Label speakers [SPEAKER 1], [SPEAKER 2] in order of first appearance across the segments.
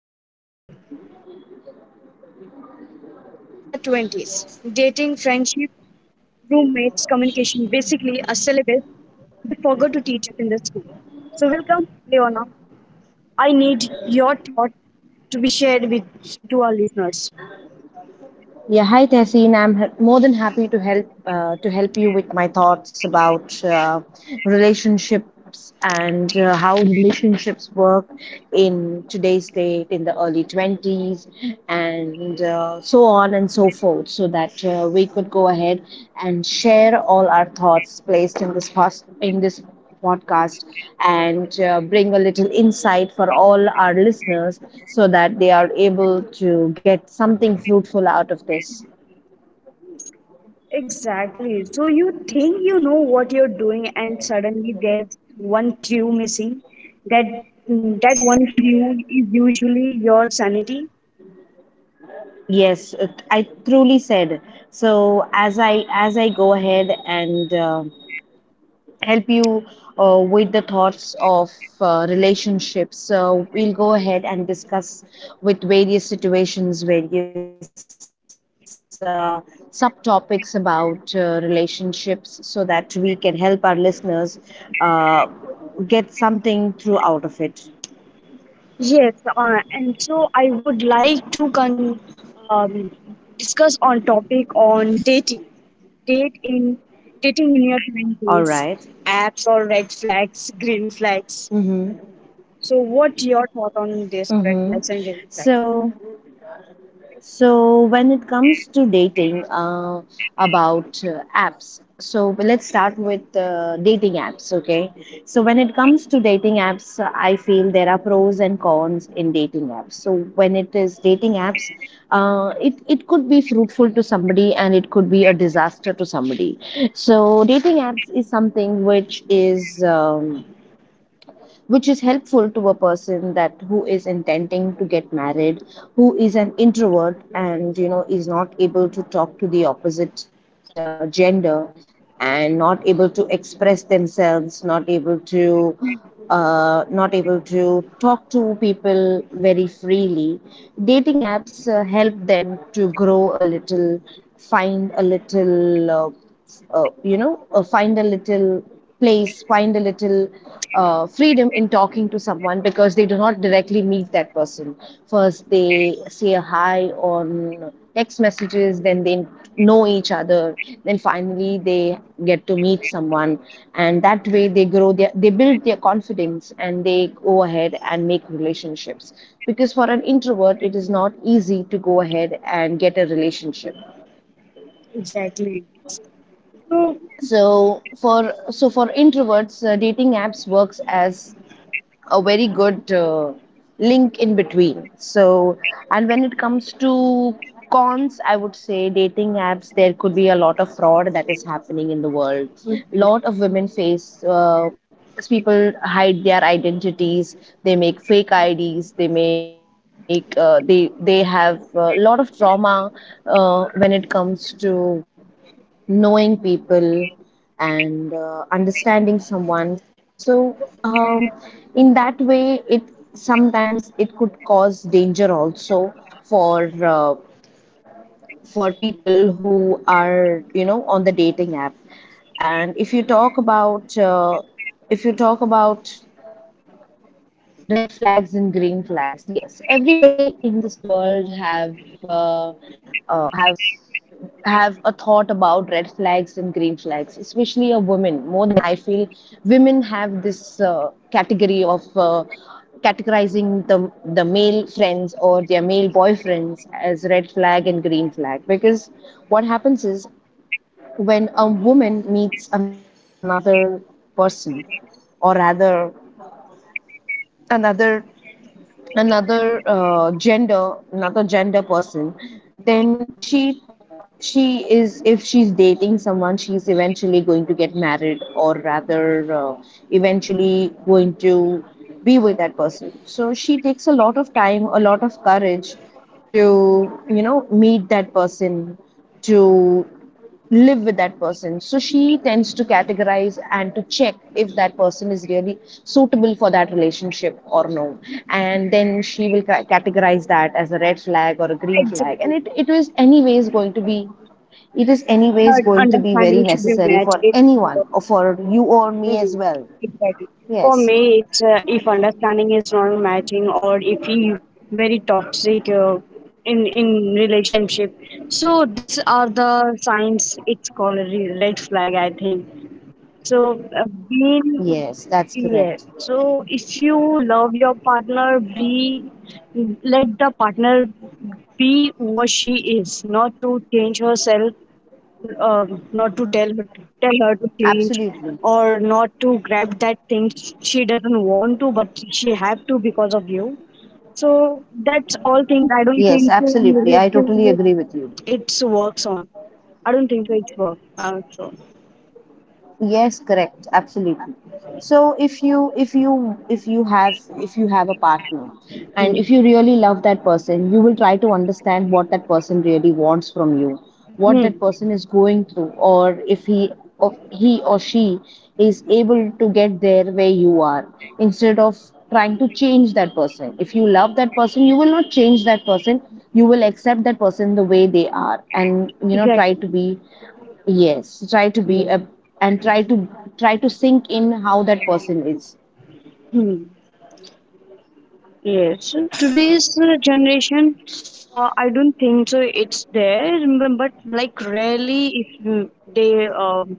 [SPEAKER 1] but rarely talk honestly. Relationship is our 20s. Dating, friendship, roommates, communication, basically a syllabus they forgot to teach us in the school. So, welcome, Leona. I need your thought to be shared with to our listeners.
[SPEAKER 2] Yeah, hi Tehseen. I'm more than happy to help, to help you with my thoughts about relationships, and how relationships work in today's date, in the early 20s, and so on and so forth, so that we could go ahead and share all our thoughts placed in this in this podcast, and bring a little insight for all our listeners so that they are able to get something fruitful out of this.
[SPEAKER 1] Exactly. So you think you know what you're doing, and suddenly there's one clue missing. That that one clue is usually your sanity.
[SPEAKER 2] Yes, I truly said. So as I as I go ahead and help you with the thoughts of relationships. So we'll go ahead and discuss with various situations, various subtopics about relationships so that we can help our listeners uh, get something through out of it.
[SPEAKER 1] Yes, and so I would like to um, discuss on topic on dating, date in dating in your twenties,
[SPEAKER 2] All right.
[SPEAKER 1] apps or red flags, green flags.
[SPEAKER 2] Mm-hmm.
[SPEAKER 1] So, what your thought on this red
[SPEAKER 2] Mm-hmm.
[SPEAKER 1] flags and green flags?
[SPEAKER 2] So So when it comes to dating, about apps. So let's start with dating apps, okay? So when it comes to dating apps, I feel there are pros and cons in dating apps. So when it is dating apps, it could be fruitful to somebody, and it could be a disaster to somebody. So dating apps is something which is helpful to a person, that who is intending to get married, who is an introvert and is not able to talk to the opposite gender, and not able to express themselves, not able to not able to talk to people very freely. Dating apps help them to grow a little, find a little, uh, find a little place, find a little freedom in talking to someone, because they do not directly meet that person. First, they say a hi on text messages, then they know each other, then finally they get to meet someone, and that way they build their confidence, and they go ahead and make relationships, because for an introvert it is not easy to go ahead and get a relationship.
[SPEAKER 1] Exactly. So,
[SPEAKER 2] So for introverts, dating apps works as a very good link in between. So, and when it comes to cons, I would say dating apps, there could be a lot of fraud that is happening in the world. Lot of women face. People hide their identities, they make fake ids, they make they have a lot of trauma when it comes to knowing people and understanding someone. So um, in that way, it sometimes it could cause danger also for people who are on the dating app. And if you talk about, if you talk about red flags and green flags, yes, everybody in this world uh, have have a thought about red flags and green flags, especially a woman, more than men, I feel. Women have this category of categorizing the male friends or their male boyfriends as red flag and green flag. Because what happens is, when a woman meets another person, or rather another another gender person, then she is if she's dating someone, she's eventually going to get married, or rather eventually going to be with that person. So she takes a lot of time, a lot of courage, to meet that person, to live with that person. So she tends to categorize and to check if that person is really suitable for that relationship or no. And then she will categorize that as a red flag or a green flag. And
[SPEAKER 1] exactly,
[SPEAKER 2] it is anyways going to be,
[SPEAKER 1] the
[SPEAKER 2] very
[SPEAKER 1] understanding should be
[SPEAKER 2] necessary
[SPEAKER 1] met.
[SPEAKER 2] for
[SPEAKER 1] It, uh,
[SPEAKER 2] anyone, or for you or me as
[SPEAKER 1] mhm,
[SPEAKER 2] well.
[SPEAKER 1] exactly. For
[SPEAKER 2] Yes.
[SPEAKER 1] me, it's if understanding is not matching, or if he very toxic, in relationship. So these are the signs. It's called a red flag, I think. So, being,
[SPEAKER 2] Yes, that's correct.
[SPEAKER 1] yeah. So if you love your partner, be, let the partner be what she is, not to change herself, uh, not to tell her, tell her to change,
[SPEAKER 2] Absolutely.
[SPEAKER 1] or not to grab that thing she doesn't want to but she have to because of you. So that's all things I don't
[SPEAKER 2] Yes,
[SPEAKER 1] think so in
[SPEAKER 2] absolutely. I totally agree with you.
[SPEAKER 1] relationship it's works on. I don't think so it's work, so
[SPEAKER 2] Yes, correct. Absolutely. So if you have a partner, and if
[SPEAKER 1] hmm.
[SPEAKER 2] you really love that person, you will try to understand what that person really wants from you,
[SPEAKER 1] Hmm,
[SPEAKER 2] what that person is going through, or if he, or he or she is able to get there where you are, instead of trying to change that person. If you love that person, you will not change that person. You will accept that person the way they are, and
[SPEAKER 1] exactly,
[SPEAKER 2] try to be. Yes, try to be
[SPEAKER 1] yeah.
[SPEAKER 2] a, and try to sink in how that person is.
[SPEAKER 1] Hmm. Yes, today's generation, I don't think so. It's there, but, like rarely if they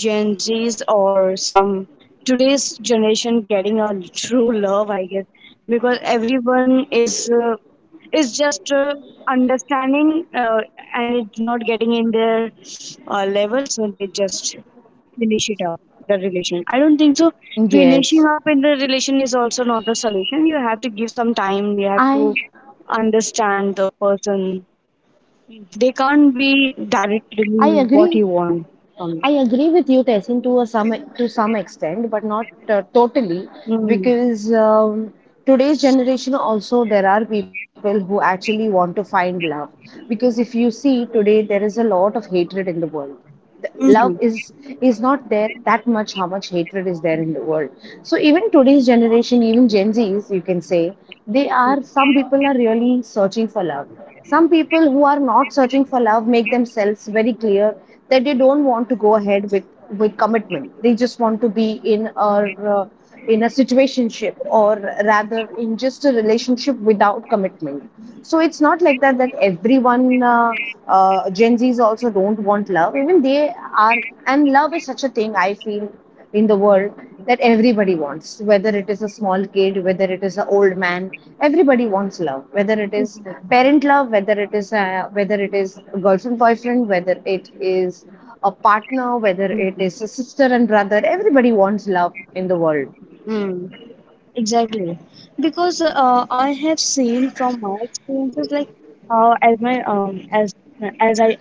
[SPEAKER 1] Gen Zs or some today's generation getting a true love, I guess, because everyone is just understanding, and it's not getting in their level, so they just finish it up the relation. I don't think so finishing
[SPEAKER 2] Yes,
[SPEAKER 1] up in the relation is also not the solution. You have to give some time, you have
[SPEAKER 2] I
[SPEAKER 1] to understand the person. They can't be
[SPEAKER 2] I agree.
[SPEAKER 1] directly what you want
[SPEAKER 2] I
[SPEAKER 1] from you.
[SPEAKER 2] agree with you, Tessin, to a some to some extent, but not totally,
[SPEAKER 1] Mm.
[SPEAKER 2] because today's generation also, there are people who actually want to find love. Because if you see today, there is a lot of hatred in the world. Love
[SPEAKER 1] Mm-hmm.
[SPEAKER 2] is not there that much. How much hatred is there in the world? So even today's generation, even Gen Zs, you can say, they are. Some people are really searching for love. Some people who are not searching for love make themselves very clear that they don't want to go ahead with commitment. They just want to be in a, uh, in a situationship, or rather in just a relationship without commitment. So it's not like that, that everyone Gen Zs also don't want love. Even they are, and love is such a thing, I feel, in the world, that everybody wants, whether it is a small kid, whether it is an old man, everybody wants love, whether it is
[SPEAKER 1] Exactly.
[SPEAKER 2] parent love, whether whether it is a girlfriend, boyfriend, whether it is a partner, whether it is a sister and brother, everybody wants love in the world.
[SPEAKER 1] Mm. Exactly. Because I have seen from my experiences, like, as my as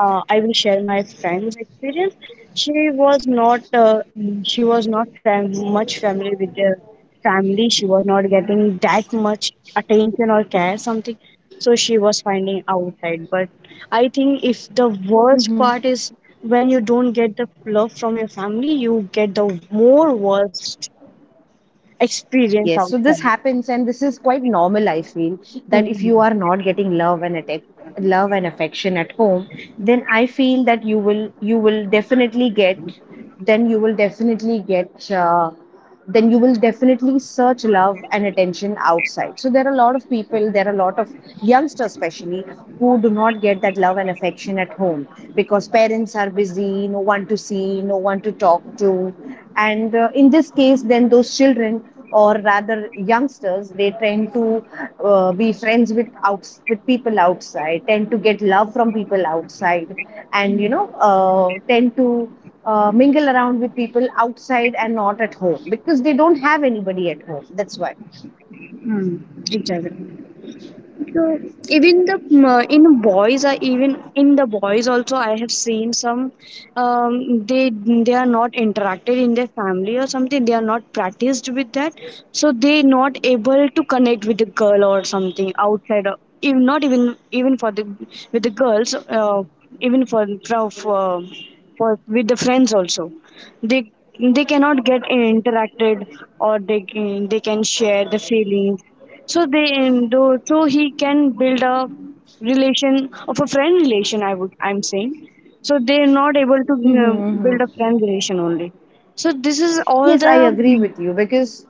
[SPEAKER 1] I will share my friend's experience. She was not much familiar with the family. She was not getting that much attention or care, something. So she was finding outside. But I think, if the
[SPEAKER 2] Mm-hmm.
[SPEAKER 1] worst part is, when you don't get the love from your family, you get the more worst
[SPEAKER 2] Yes, so
[SPEAKER 1] experience
[SPEAKER 2] this
[SPEAKER 1] outside.
[SPEAKER 2] happens, and this is quite normal. I feel that
[SPEAKER 1] Mm,
[SPEAKER 2] if you are not getting love and affection at home, then I feel that you will definitely get, then you will definitely get, uh, then you will definitely search love and attention outside. So there are a lot of youngsters, especially, who do not get that love and affection at home, because parents are busy, no one to see, no one to talk to. And in this case, then those children, or rather youngsters, they tend to be friends with people outside, tend to get love from people outside, and tend to mingle around with people outside, and not at home, because they don't have anybody at home. That's why.
[SPEAKER 1] mm, exactly. So even the in boys are, even in the boys also I have seen some, they are not interacted in their family or something, they are not practiced with that, so they not able to connect with the girl or something outside of, even not even even for the with the girls, even for- with the friends also, they they cannot get interacted, or they can share the feelings. So they and so he can build a relation of a friend relation, I would, I'm saying, so they're not able to, you know, build
[SPEAKER 2] Mm-hmm.
[SPEAKER 1] a friend relation only. So this is all
[SPEAKER 2] Yes, I
[SPEAKER 1] the,
[SPEAKER 2] agree with you, because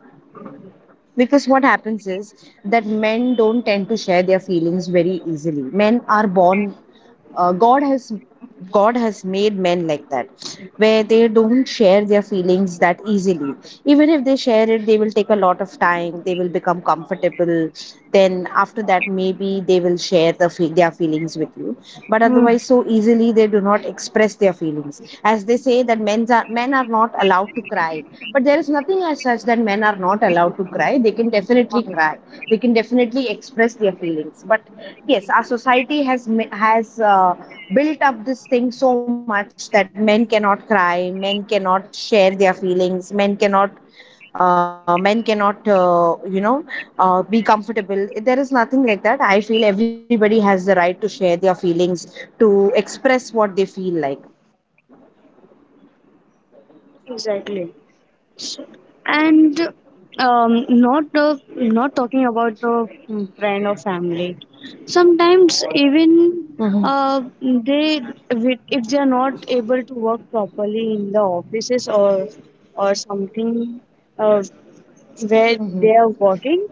[SPEAKER 2] because what happens is that men don't tend to share their feelings very easily. Men are born uh, god has god has made men like that, where they don't share their feelings that easily. Even if they share it, they will take a lot of time, they will become comfortable, then after that maybe they will share the their feelings with you. But
[SPEAKER 1] mm,
[SPEAKER 2] otherwise, so easily they do not express their feelings, as they say that men are not allowed to cry. But there is nothing as such that men are not allowed to cry. They can definitely cry, they can definitely express their feelings. But yes, our society has has uh, built up this thing so much that men cannot cry, men cannot share their feelings, men cannot be comfortable. There is nothing like that, I feel. Everybody has the right to share their feelings, to express what they feel like.
[SPEAKER 1] exactly. So, and not the, not talking about the friend or family. Sometimes even
[SPEAKER 2] Mm-hmm.
[SPEAKER 1] they, if they are not able to work properly in the offices or something, uh, where they are
[SPEAKER 2] Mm-hmm.
[SPEAKER 1] working,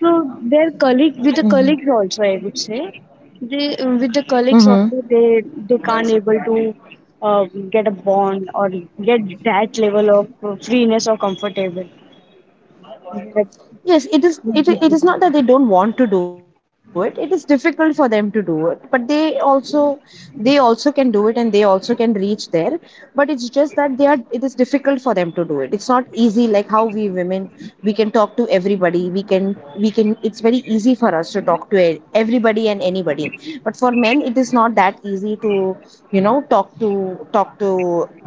[SPEAKER 1] so their colleague with the colleagues
[SPEAKER 2] Mm-hmm.
[SPEAKER 1] also, I would say, they with the colleagues also
[SPEAKER 2] Mm-hmm.
[SPEAKER 1] they can't able to get a bond or get that level of freeness or comfortable.
[SPEAKER 2] Yes, it is. It is not that they don't want to do it. It is difficult for them to do it, but they also can do it, and they also can reach there. But it's just that they are. It is difficult for them to do it. It's not easy, like how we women, we can talk to everybody. We can. It's very easy for us to talk to everybody and anybody. But for men, it is not that easy to talk to, talk to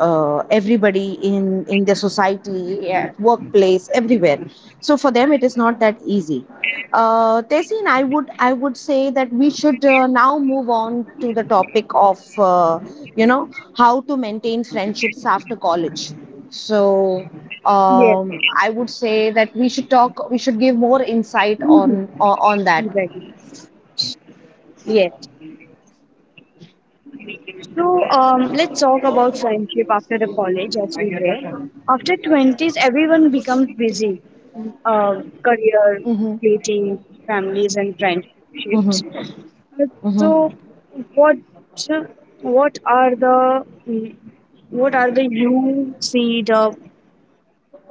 [SPEAKER 2] everybody in the society, at workplace, everywhere. So for them, it is not that easy. Tessin, I would say that we should now move on to the topic of you know how to maintain friendships after college. So
[SPEAKER 1] Yes,
[SPEAKER 2] I would say that we should talk. We should give more insight
[SPEAKER 1] yes,
[SPEAKER 2] on that.
[SPEAKER 1] exactly. Yes. So, let's talk about friendship after the college, as we were. After twenties, everyone becomes busy, uh, career,
[SPEAKER 2] Mm-hmm.
[SPEAKER 1] dating, families, and
[SPEAKER 2] Mm-hmm.
[SPEAKER 1] friendships.
[SPEAKER 2] Mm-hmm.
[SPEAKER 1] So, what are the, mm, what are the, you see the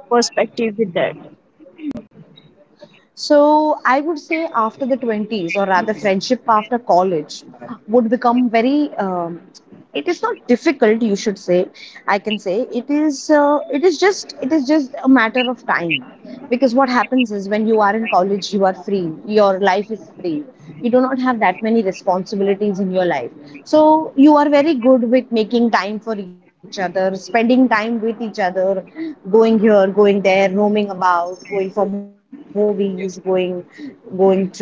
[SPEAKER 1] perspective with that?
[SPEAKER 2] So I would say after the 20s, or rather, friendship after college would become very. It is not difficult, you should say, I can say it is it is just a matter of time. Because what happens is, when you are in college, you are free, your life is free, you do not have that many responsibilities in your life. So you are very good with making time for each other, spending time with each other, going here, going there, roaming about, going for movies, going people going to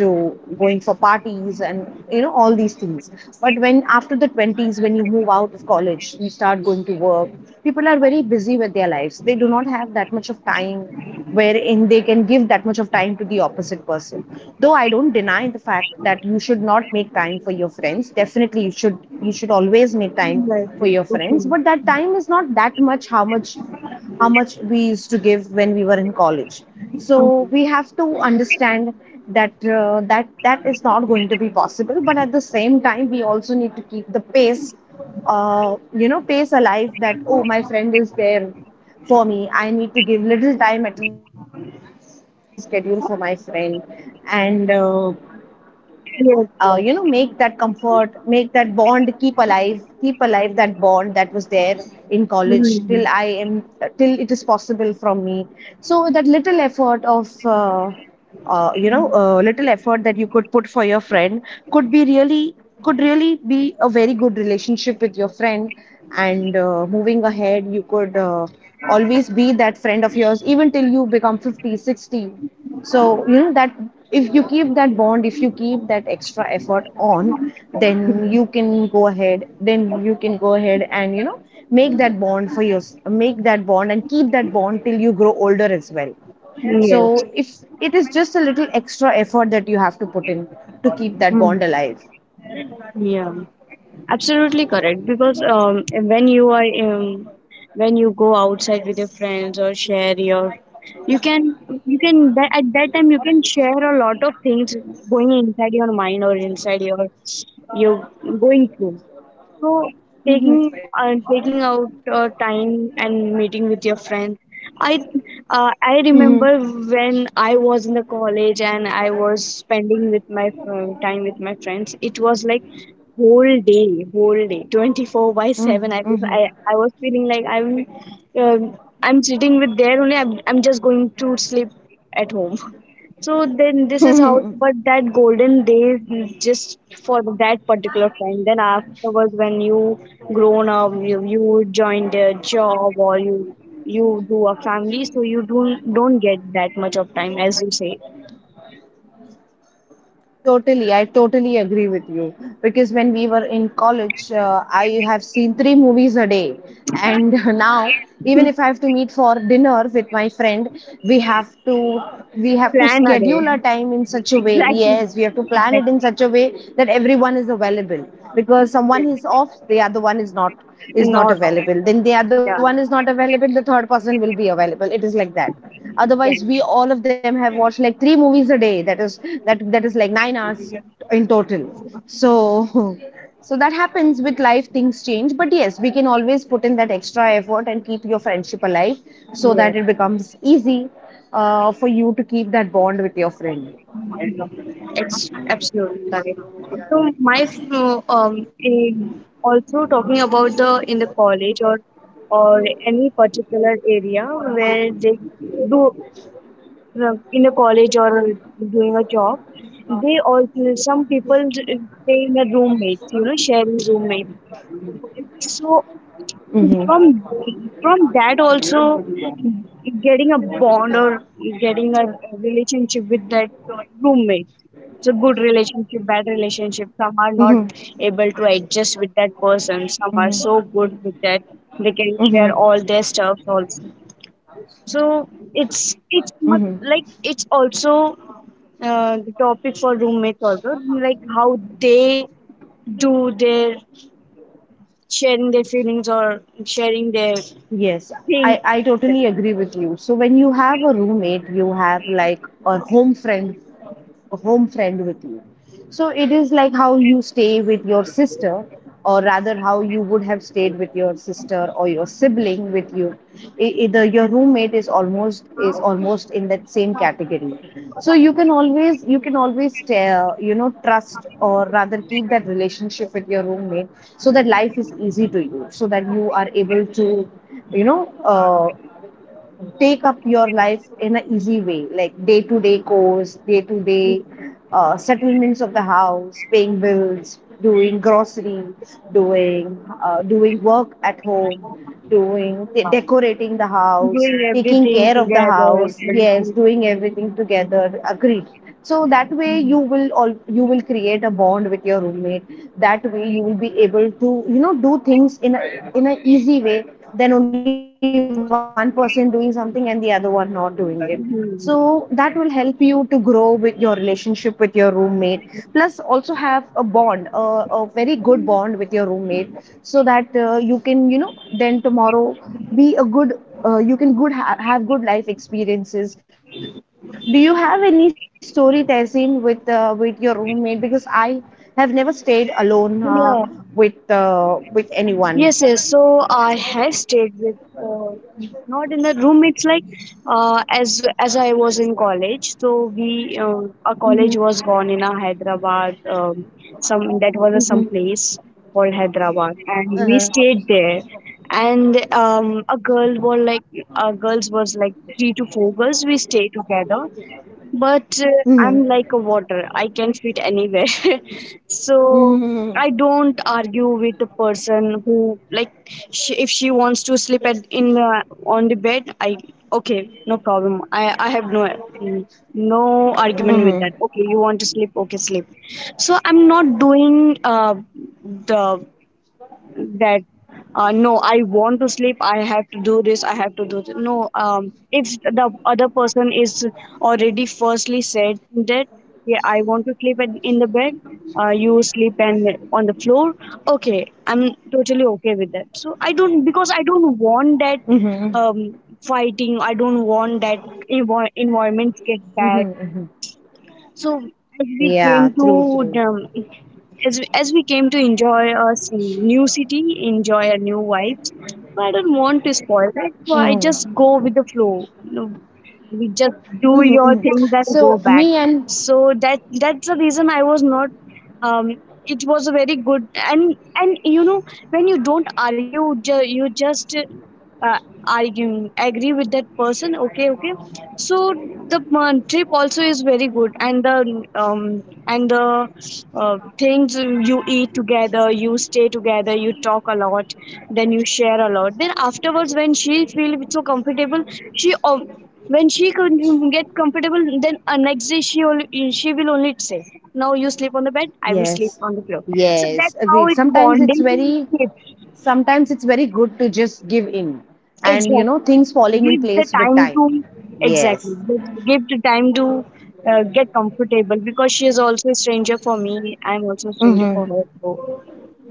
[SPEAKER 2] going for parties, and all these things. But when after the 20s, when you move out of college, you start going to work. People are very busy with their lives, they do not have that much of time, wherein they can give that much of time to the opposite person. Though I don't deny the fact that you should not make time for your friends. Definitely you should always make time
[SPEAKER 1] Yes,
[SPEAKER 2] for
[SPEAKER 1] yes,
[SPEAKER 2] your
[SPEAKER 1] for sure.
[SPEAKER 2] friends, but that time is not that much. How much we used to give when we were in college. So
[SPEAKER 1] Mm.
[SPEAKER 2] we have to understand that that is not going to be possible. But at the same time, we also need to keep the pace you know pace alive. That, oh, my friend is there for me, I need to give little time at least from my busy schedule for my friend. And
[SPEAKER 1] Yes,
[SPEAKER 2] make
[SPEAKER 1] yes.
[SPEAKER 2] that comfort, make that bond, keep alive that bond that was there in college till I
[SPEAKER 1] Mm.
[SPEAKER 2] am till it is possible from me. So that little effort that you could put for your friend could be really could really be a very good relationship with your friend. And moving ahead, you could always be that friend of yours even till you become 50, 60. So you know that if you keep that bond, if you keep that extra effort on, then you can go ahead then you can go ahead and make that bond for your make that bond and keep that bond till you grow older as well. So
[SPEAKER 1] Yes.
[SPEAKER 2] if it is just a little extra effort that you have to put in to keep that
[SPEAKER 1] Mm.
[SPEAKER 2] bond alive.
[SPEAKER 1] Yeah, absolutely correct. Because when you go outside with your friends or share your, you can, you can that, at that time you can share a lot of things going inside your mind or inside your, you going through. So taking
[SPEAKER 2] Mm-hmm.
[SPEAKER 1] taking out time and meeting with your friends, I, I
[SPEAKER 2] Mm-hmm.
[SPEAKER 1] remember when I was in the college and I was spending with my time with my friends, it was like whole day 24 by 7. I was, I was feeling like I'm, um, I'm sitting with there only, I'm just going to sleep at home. So then this is how.
[SPEAKER 2] Mm-hmm.
[SPEAKER 1] But that golden days, just for that particular time, then afterwards when you grown up, you joined a job or you do a family, so you don't get that much of time as you say.
[SPEAKER 2] Totally, I totally agree with you. Because when we were in college, I have seen three movies a day. And now, even if I have to meet for dinner with my friend, we have to we have to
[SPEAKER 1] Plan a day,
[SPEAKER 2] schedule our time in such a way.
[SPEAKER 1] exactly,
[SPEAKER 2] Yes, we have to plan it in
[SPEAKER 1] exactly.
[SPEAKER 2] such a way that everyone is available. Because someone is off, the other one is not is
[SPEAKER 1] No
[SPEAKER 2] not
[SPEAKER 1] no.
[SPEAKER 2] available. Then the other one
[SPEAKER 1] Yeah,
[SPEAKER 2] is not available, the third person will be available. It is like that. Otherwise, we all of them have watched like three movies a day. That is like 9 hours in total. So so that happens with life. Things change, but yes, we can always put in that extra effort and keep your friendship alive, so
[SPEAKER 1] yeah,
[SPEAKER 2] that it becomes easy for you to keep that bond with your friend.
[SPEAKER 1] it's absolutely right. So my in also talking about the, in the college or any particular area where they do, in the college or doing a job, they also some people stay in a roommate, you know, sharing roommates. So
[SPEAKER 2] Mm-hmm.
[SPEAKER 1] from from that also getting a bond or getting a relationship with that roommate, it's a good relationship, bad relationship,
[SPEAKER 2] Mm-hmm.
[SPEAKER 1] some are not able to adjust with that
[SPEAKER 2] Mm-hmm.
[SPEAKER 1] person, some are so good with that,
[SPEAKER 2] Mm-hmm.
[SPEAKER 1] they can share all their stuff also. So it's it's
[SPEAKER 2] Mm-hmm.
[SPEAKER 1] like, it's also the topic for roommates also, like how they do their sharing their feelings or sharing their
[SPEAKER 2] Yes, I,
[SPEAKER 1] things,
[SPEAKER 2] I totally agree with you. So when you have a roommate, you have like a home friend with you. So it is like how you stay with your sister, or rather, how you would have stayed with your sister or your sibling with you. Your roommate is almost in that same category. So you can always trust, or rather keep that relationship with your roommate, so that life is easy to you, so that you are able to you know uh, take up your life in an easy way, like day to day chores, day to day settlements of the house, paying bills, doing grocery, doing work at home, doing decorating the house,
[SPEAKER 1] doing
[SPEAKER 2] taking
[SPEAKER 1] everything
[SPEAKER 2] care of the
[SPEAKER 1] together,
[SPEAKER 2] house. Yes,
[SPEAKER 1] it's,
[SPEAKER 2] doing everything together. Agreed. So that way you will create a bond with your roommate. That way you will be able to do things in in an easy way, than only one person doing something and the other one not doing it. So that will help you to grow with your relationship with your roommate, plus also have a bond, a very good bond with your roommate. So that you can then tomorrow be a good you can good ha- have good life experiences. Do you have any story, Tehseen, with your roommate? Because I have never stayed alone
[SPEAKER 1] yeah.
[SPEAKER 2] with anyone.
[SPEAKER 1] Yes, yes, so I have stayed with, uh, not in the roommates like, uh, as as I was in college so we,
[SPEAKER 2] Mm-hmm.
[SPEAKER 1] our college was gone in a Hyderabad, some
[SPEAKER 2] Mm-hmm.
[SPEAKER 1] that was a some place called Hyderabad
[SPEAKER 2] Uh-huh.
[SPEAKER 1] and we stayed there. And a girl were like, girls was like three to four girls we stayed together, but
[SPEAKER 2] Mm-hmm.
[SPEAKER 1] I'm like a water. I can fit anywhere. So
[SPEAKER 2] Mm-hmm.
[SPEAKER 1] I don't argue with the person who like, she, if she wants to sleep at in the on the bed, I, okay, no problem. I have no, no argument with that. Okay,
[SPEAKER 2] Mm-hmm.
[SPEAKER 1] you want to sleep? Okay, sleep. So I'm not doing the that no, I want to sleep, I have to do this, I have to do this. No, if the other person is already firstly said that, yeah, I want to sleep in the bed, you sleep and on the floor, okay, I'm totally okay with that. So I don't because I don't
[SPEAKER 2] Mm-hmm.
[SPEAKER 1] want that, um, fighting, I don't want that environment get
[SPEAKER 2] Mm-hmm.
[SPEAKER 1] bad. So
[SPEAKER 2] Yeah,
[SPEAKER 1] as
[SPEAKER 2] true,
[SPEAKER 1] we came
[SPEAKER 2] true.
[SPEAKER 1] to the, as we came to enjoy a new city, enjoy a new vibes, but I don't want to spoil that. So
[SPEAKER 2] Mm-hmm.
[SPEAKER 1] I just go with the flow, you know, we just
[SPEAKER 2] Mm-hmm.
[SPEAKER 1] do
[SPEAKER 2] Mm-hmm.
[SPEAKER 1] your things
[SPEAKER 2] So
[SPEAKER 1] and
[SPEAKER 2] me
[SPEAKER 1] go
[SPEAKER 2] and,
[SPEAKER 1] back. So that that's the reason I was not, um it was a very good and you know when you don't argue, you just, uh, arguing, agree with that person, okay, okay. So the, trip also is very good, and the, and the things, you eat together, you stay together, you talk a lot, then you share a lot. Then afterwards when she feels so comfortable, she when she could get comfortable, then next day she only, she will only say, "Now you sleep on the bed, I will sleep
[SPEAKER 2] yes.
[SPEAKER 1] on the floor." So that's
[SPEAKER 2] Yes,
[SPEAKER 1] how it
[SPEAKER 2] agreed. Sometimes
[SPEAKER 1] bonding
[SPEAKER 2] it's very
[SPEAKER 1] is.
[SPEAKER 2] Sometimes it's very good to just give in, and,
[SPEAKER 1] Exactly,
[SPEAKER 2] things
[SPEAKER 1] give
[SPEAKER 2] falling
[SPEAKER 1] the
[SPEAKER 2] in place
[SPEAKER 1] time to,
[SPEAKER 2] with time.
[SPEAKER 1] exactly, give,
[SPEAKER 2] Yes.
[SPEAKER 1] give the time to get comfortable. Because she is also a stranger for me, I'm also a stranger for her, so
[SPEAKER 2] Mm-hmm.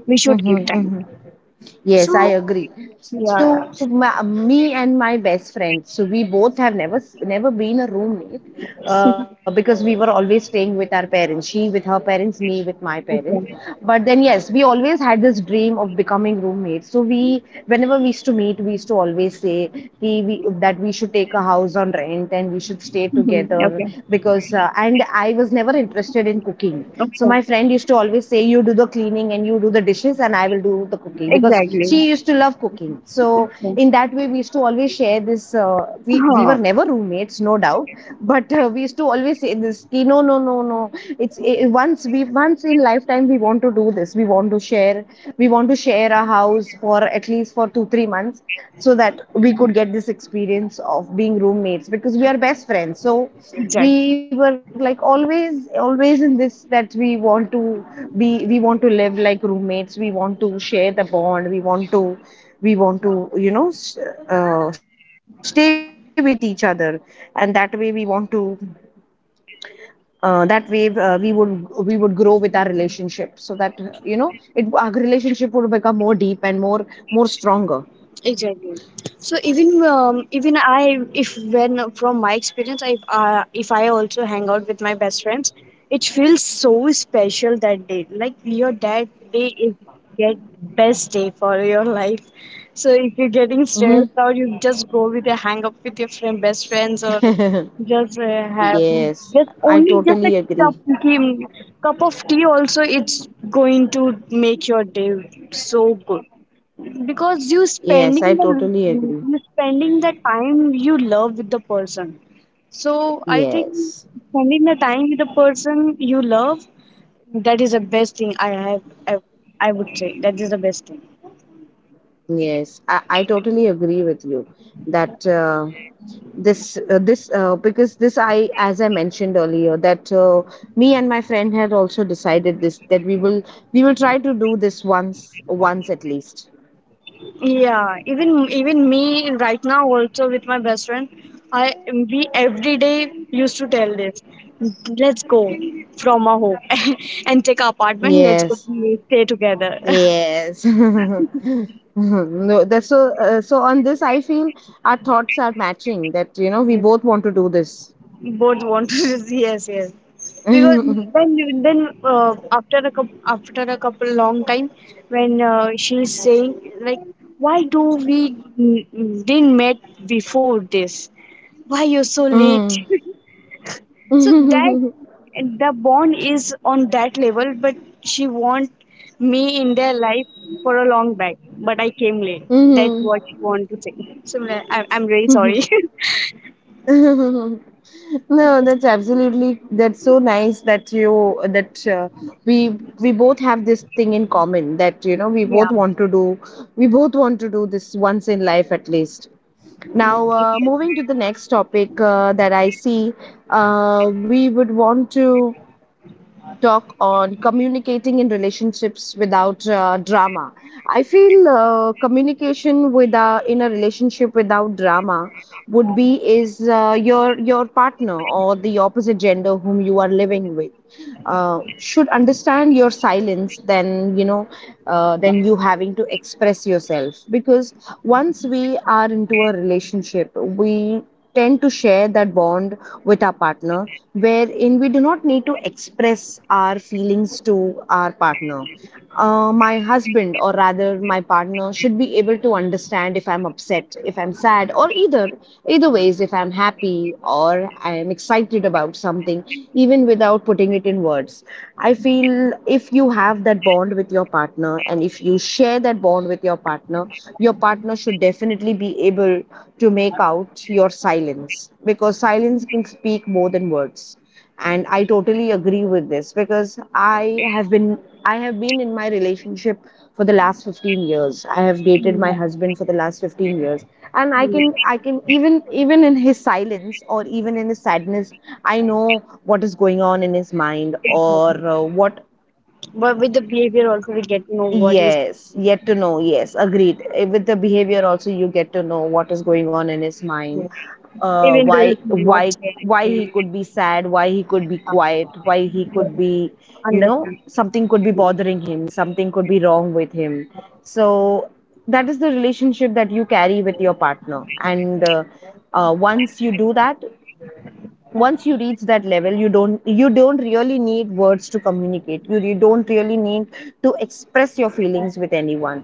[SPEAKER 1] we should give time.
[SPEAKER 2] Mm-hmm. Mm-hmm.
[SPEAKER 1] So
[SPEAKER 2] Yes, I agree.
[SPEAKER 1] yeah,
[SPEAKER 2] So ma me and my best friend, so we both have never never been a roommate, because we were always staying with our parents. She with her parents, me with my parents.
[SPEAKER 1] okay,
[SPEAKER 2] But then yes, we always had this dream of becoming roommates. So we, whenever we used to meet, we used to always say, "Ki that we should take a house on rent, and we should stay
[SPEAKER 1] mhm,
[SPEAKER 2] together,"
[SPEAKER 1] okay,
[SPEAKER 2] because and I was never interested in cooking. So
[SPEAKER 1] okay,
[SPEAKER 2] my friend used to always say, "You do the cleaning and you do the dishes, and I will do the cooking," because
[SPEAKER 1] exactly,
[SPEAKER 2] she used to love cooking. So
[SPEAKER 1] okay,
[SPEAKER 2] in that way, we used to always share this. We
[SPEAKER 1] huh,
[SPEAKER 2] were never roommates, no doubt, but we used to always say this. "Ki, no, no, no, no. It's once in lifetime we want to do this. We want to share. We want to share a house for at least for 2-3 months, so that we could get this experience of being roommates. Because we are best friends, so
[SPEAKER 1] exactly.
[SPEAKER 2] we were like always in this, that be we want to live like roommates. We want to share the bond. We want to you know s- stay with each other. And that way we want to that way we would grow with our relationship, so that you know it our relationship would become more deep, and more stronger.
[SPEAKER 1] Exactly, so even even I, if when from my experience, I, if I also hang out with my best friends, it feels so special that day, like your that day is, get best day for your life. So if you're getting
[SPEAKER 2] Hmm.
[SPEAKER 1] stressed out, you just go with a hang up with your friend best friends, or just have
[SPEAKER 2] Yes,
[SPEAKER 1] just
[SPEAKER 2] I
[SPEAKER 1] only,
[SPEAKER 2] totally
[SPEAKER 1] just a
[SPEAKER 2] agree.
[SPEAKER 1] cup, cup of tea also, it's going to make your day so good. Because you
[SPEAKER 2] Yes, I
[SPEAKER 1] spending the,
[SPEAKER 2] totally agree.
[SPEAKER 1] you spending the time you love with the person. So I think,
[SPEAKER 2] Yes,
[SPEAKER 1] spending the time with the person you love, that is the best thing I have, ev- I would say that is the best thing.
[SPEAKER 2] yes, I totally agree with you. That this this because this, I as I mentioned earlier, that me and my friend had also decided this, that we will try to do this once at least.
[SPEAKER 1] Yeah, even even me right now also with my best friend, I, we every day used to tell this, let's go from our home and take our apartment, let's go,
[SPEAKER 2] Yes,
[SPEAKER 1] we stay together.
[SPEAKER 2] yes. No, that's so. So on this, I feel our thoughts are matching. That we both want to do this.
[SPEAKER 1] Both want to. Yes, yes, because then you-, then after a couple long time, when she's saying like, why do we didn't met before this, why you're so late?
[SPEAKER 2] Mm.
[SPEAKER 1] So that
[SPEAKER 2] Mhm.
[SPEAKER 1] the bond is on that level, but she want me in their life for a long back, but I came late. That's
[SPEAKER 2] Hmm.
[SPEAKER 1] what she want to say. So I-, I'm really sorry. So,
[SPEAKER 2] No,
[SPEAKER 1] this-,
[SPEAKER 2] that's absolutely. That's so nice that you that we we both have this thing in common. That we
[SPEAKER 1] yeah.
[SPEAKER 2] both want to do. We both want to do this once in life at least. Now, moving to the next topic that I see, we would want to talk on communicating in relationships without drama. I feel communication with in a relationship without drama would be is your partner or the opposite gender whom you are living with should understand your silence, than than you having to express yourself. Because once we are into a relationship, we tend to share that bond with our partner, wherein we do not need to express our feelings to our partner. My husband, or rather my partner, should be able to understand if I'm upset, if I'm sad, or either ways, if I'm happy or I am excited about something, even without putting it in words. I feel if you have that bond with your partner and if you share that bond with your partner should definitely be able to make out your silence, because silence can speak more than words. And I totally agree with this, because have been I have been in my relationship for the last 15 years. I have dated my husband for the last 15 years, and I can even in his silence or even in his sadness, I know what is going on in his mind, or what.
[SPEAKER 1] But with the behavior also we get to know what he's
[SPEAKER 2] Yes, yet to know. Yes, agreed. With the behavior also, you get to know what is going on in his mind,
[SPEAKER 1] doing,
[SPEAKER 2] uh,
[SPEAKER 1] even though
[SPEAKER 2] why,
[SPEAKER 1] he's not
[SPEAKER 2] why,
[SPEAKER 1] sharing
[SPEAKER 2] why he
[SPEAKER 1] anything,
[SPEAKER 2] could be sad, why he could be
[SPEAKER 1] uh,
[SPEAKER 2] quiet, why he
[SPEAKER 1] yeah,
[SPEAKER 2] could be,
[SPEAKER 1] understand,
[SPEAKER 2] something could be bothering him, something could be wrong with him. So that is the relationship that you carry with your partner, and once you do that, once you reach that level, you don't really need words to communicate. You don't really need to express your feelings with anyone.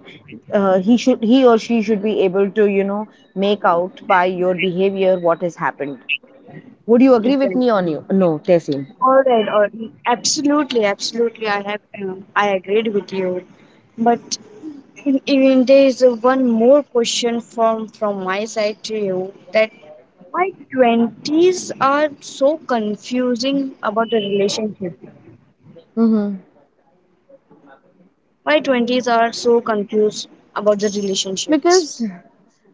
[SPEAKER 2] He or she should be able to make out by your behavior what has happened. Would you agree with me on
[SPEAKER 1] exactly.
[SPEAKER 2] you no tessim?
[SPEAKER 1] All right, all right, absolutely, absolutely. I have, I agreed with you. But in, even there is, one more question from my side to you, that why twenties are so confusing about the relationship?
[SPEAKER 2] Mm-hmm.
[SPEAKER 1] Why twenties are so confused about the relationships?
[SPEAKER 2] because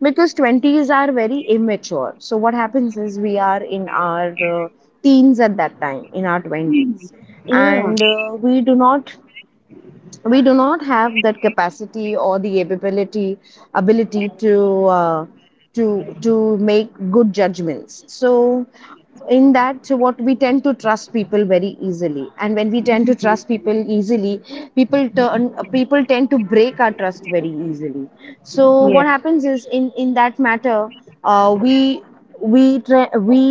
[SPEAKER 2] because 20s are very immature. So what happens is we are in our uh, teens at that time, in our 20s,
[SPEAKER 1] Yeah.
[SPEAKER 2] and we do not have that capacity or the ability to make good judgments. So in that, so what, we tend to trust people very easily, and when we tend to trust people easily, people tend to break our trust very easily. So
[SPEAKER 1] Yeah.
[SPEAKER 2] what happens is, in that matter, uh, we we tra- we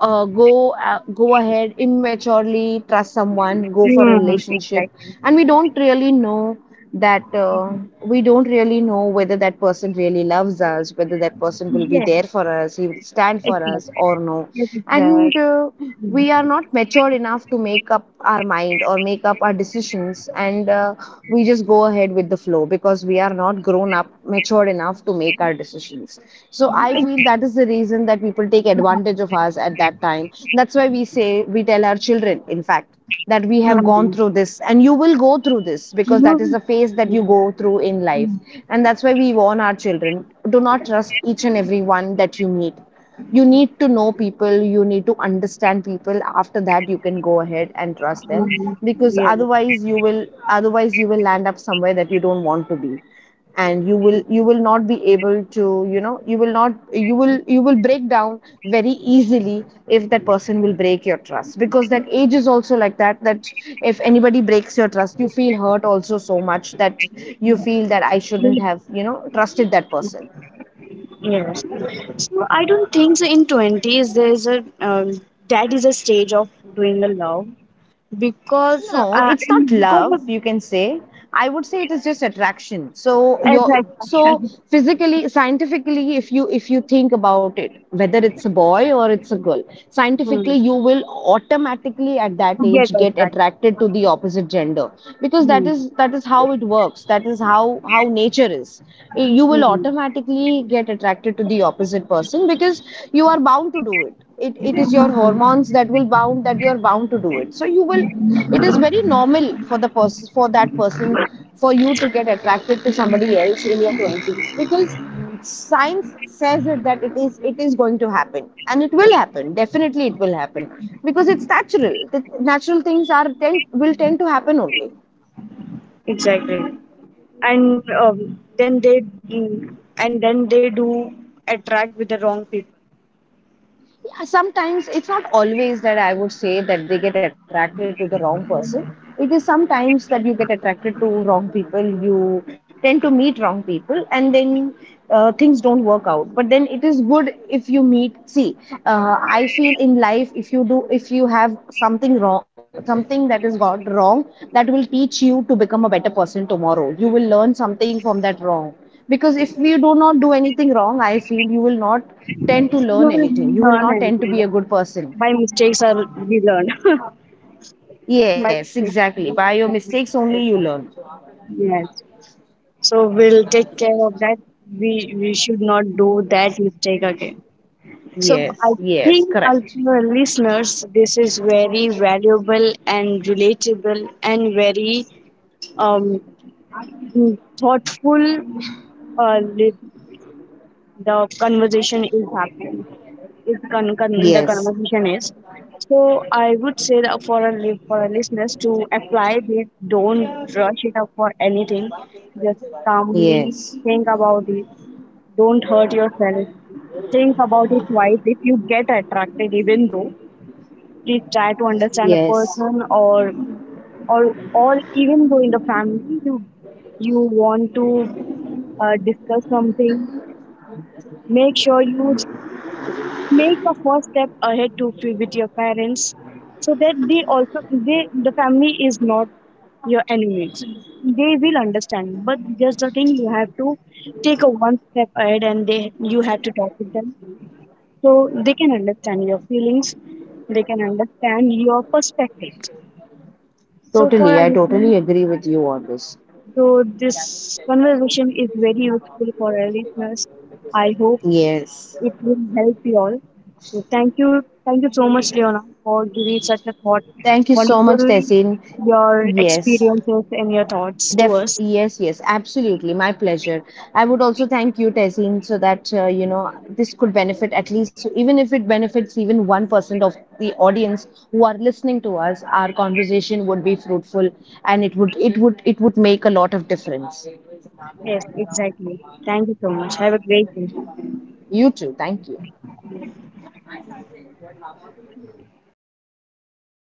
[SPEAKER 2] uh, go uh, go ahead, immaturely trust someone, go for a
[SPEAKER 1] Mm,
[SPEAKER 2] relationship, and we
[SPEAKER 1] exactly.
[SPEAKER 2] don't really know that we don't really know whether that person really loves us, whether that person will be
[SPEAKER 1] Yes,
[SPEAKER 2] there for us, he will stand for us
[SPEAKER 1] exactly,
[SPEAKER 2] or no.
[SPEAKER 1] that is right.
[SPEAKER 2] And we are not matured enough to make up our mind or make up our decisions, and we just go ahead with the flow because we are not grown up matured enough to make our decisions. So I feel
[SPEAKER 1] Ex-
[SPEAKER 2] that is the reason that people take advantage of us at that time. That's why we say, we tell our children in fact, that we have gone
[SPEAKER 1] Mm,
[SPEAKER 2] through this and you will go through this
[SPEAKER 1] you
[SPEAKER 2] because
[SPEAKER 1] know,
[SPEAKER 2] that is the phase that you
[SPEAKER 1] mm,
[SPEAKER 2] go through in life. And that's why we warn our children, do not trust each and every one that you meet. You need to know people, you need to understand people, after that you can go ahead and trust them.
[SPEAKER 1] mm,
[SPEAKER 2] Because
[SPEAKER 1] yes,
[SPEAKER 2] otherwise you will land up somewhere that you don't want to be, and you will not be able to, you will not, you will break down very easily if that person will break your trust, because that age is also like that, that if anybody breaks your trust you feel hurt also so much that you feel that I
[SPEAKER 1] you-
[SPEAKER 2] shouldn't have, trusted that person.
[SPEAKER 1] yes. So I don't think so, in twenties, there is a, um, that is a stage of doing a love because
[SPEAKER 2] No, it's not
[SPEAKER 1] and because
[SPEAKER 2] love,
[SPEAKER 1] of,
[SPEAKER 2] you can say. I would say it is just attraction. So your so
[SPEAKER 1] exactly.
[SPEAKER 2] physically, scientifically, if you think about it, whether it's a boy or it's a girl, scientifically
[SPEAKER 1] Hmm.
[SPEAKER 2] you will automatically at that
[SPEAKER 1] Yes.
[SPEAKER 2] age get
[SPEAKER 1] Exactly.
[SPEAKER 2] attracted to the opposite gender, because that
[SPEAKER 1] Hmm.
[SPEAKER 2] is that is how it works. That is how nature is. You will
[SPEAKER 1] Hmm,
[SPEAKER 2] automatically get attracted to the opposite person because you are bound to do it. It is your hormones that will bound, that you are bound to do it, so you will, it is very normal for the person for that person, for you to get attracted to somebody else in your 20s, because science says it, that it is going to happen, and it will happen, definitely it will happen, because it's natural, the natural things are tend to happen only.
[SPEAKER 1] exactly. And then they, mm, and then they do attract with the wrong people.
[SPEAKER 2] Yeah, sometimes it's not always that I would say that they get attracted to the wrong person. It is sometimes that you get attracted to wrong people, you tend to meet wrong people, and then things don't work out. But then it is good if you meet. See, I feel in life if you do, if you have something wrong, something that is got wrong, that will teach you to become a better person tomorrow. You will learn something from that wrong. Because if you do not do anything wrong, I feel you will not tend to learn
[SPEAKER 1] You will
[SPEAKER 2] anything. You will
[SPEAKER 1] learn,
[SPEAKER 2] not
[SPEAKER 1] and
[SPEAKER 2] tend to
[SPEAKER 1] we
[SPEAKER 2] be a
[SPEAKER 1] learn,
[SPEAKER 2] good person.
[SPEAKER 1] my mistakes are we learn. My
[SPEAKER 2] Yes,
[SPEAKER 1] mistakes,
[SPEAKER 2] exactly. By your
[SPEAKER 1] we
[SPEAKER 2] mistakes
[SPEAKER 1] learn.
[SPEAKER 2] only you learn.
[SPEAKER 1] Yes. So we'll take care of that. We should not do that mistake again. So
[SPEAKER 2] Yes,
[SPEAKER 1] I
[SPEAKER 2] yes,
[SPEAKER 1] think
[SPEAKER 2] correct.
[SPEAKER 1] our listeners, this is very valuable and relatable and very, um, thoughtful, uh, the conversation is happening, the
[SPEAKER 2] Yes,
[SPEAKER 1] conversation is, so I would say that for our for our listeners to apply this, don't rush it up for anything, just calmly
[SPEAKER 2] yes,
[SPEAKER 1] think about it, don't hurt yourself, think about it twice. If you get attracted, even though, please try to understand a
[SPEAKER 2] yes.
[SPEAKER 1] person, or even though in the family you, you want to discuss something, make sure you make a first step ahead to with your parents, so that they also, they, the family is not your enemies, they will understand, but just the thing you have to take a one step ahead and they you have to talk with them, so they can understand your feelings, they can understand your perspectives. So for
[SPEAKER 2] Totally,
[SPEAKER 1] our
[SPEAKER 2] I totally
[SPEAKER 1] listeners,
[SPEAKER 2] agree with you on this.
[SPEAKER 1] so this conversation is very useful for our listeners, I hope
[SPEAKER 2] Yes.
[SPEAKER 1] it will help you all. So thank you so much, Leona, for giving such a thought,
[SPEAKER 2] Thank you so much,
[SPEAKER 1] wonderful,
[SPEAKER 2] Tessin.
[SPEAKER 1] your
[SPEAKER 2] Yes.
[SPEAKER 1] experiences and your thoughts to
[SPEAKER 2] Def
[SPEAKER 1] us.
[SPEAKER 2] yes, yes, absolutely. My pleasure. I would also thank you, Tezin, so that this could benefit at least, so even if it benefits even 1% of the audience who are listening to us, our conversation would be fruitful, and it would make a lot of difference.
[SPEAKER 1] Yes, exactly. Thank you so much. Have a great day.
[SPEAKER 2] You too. Thank you.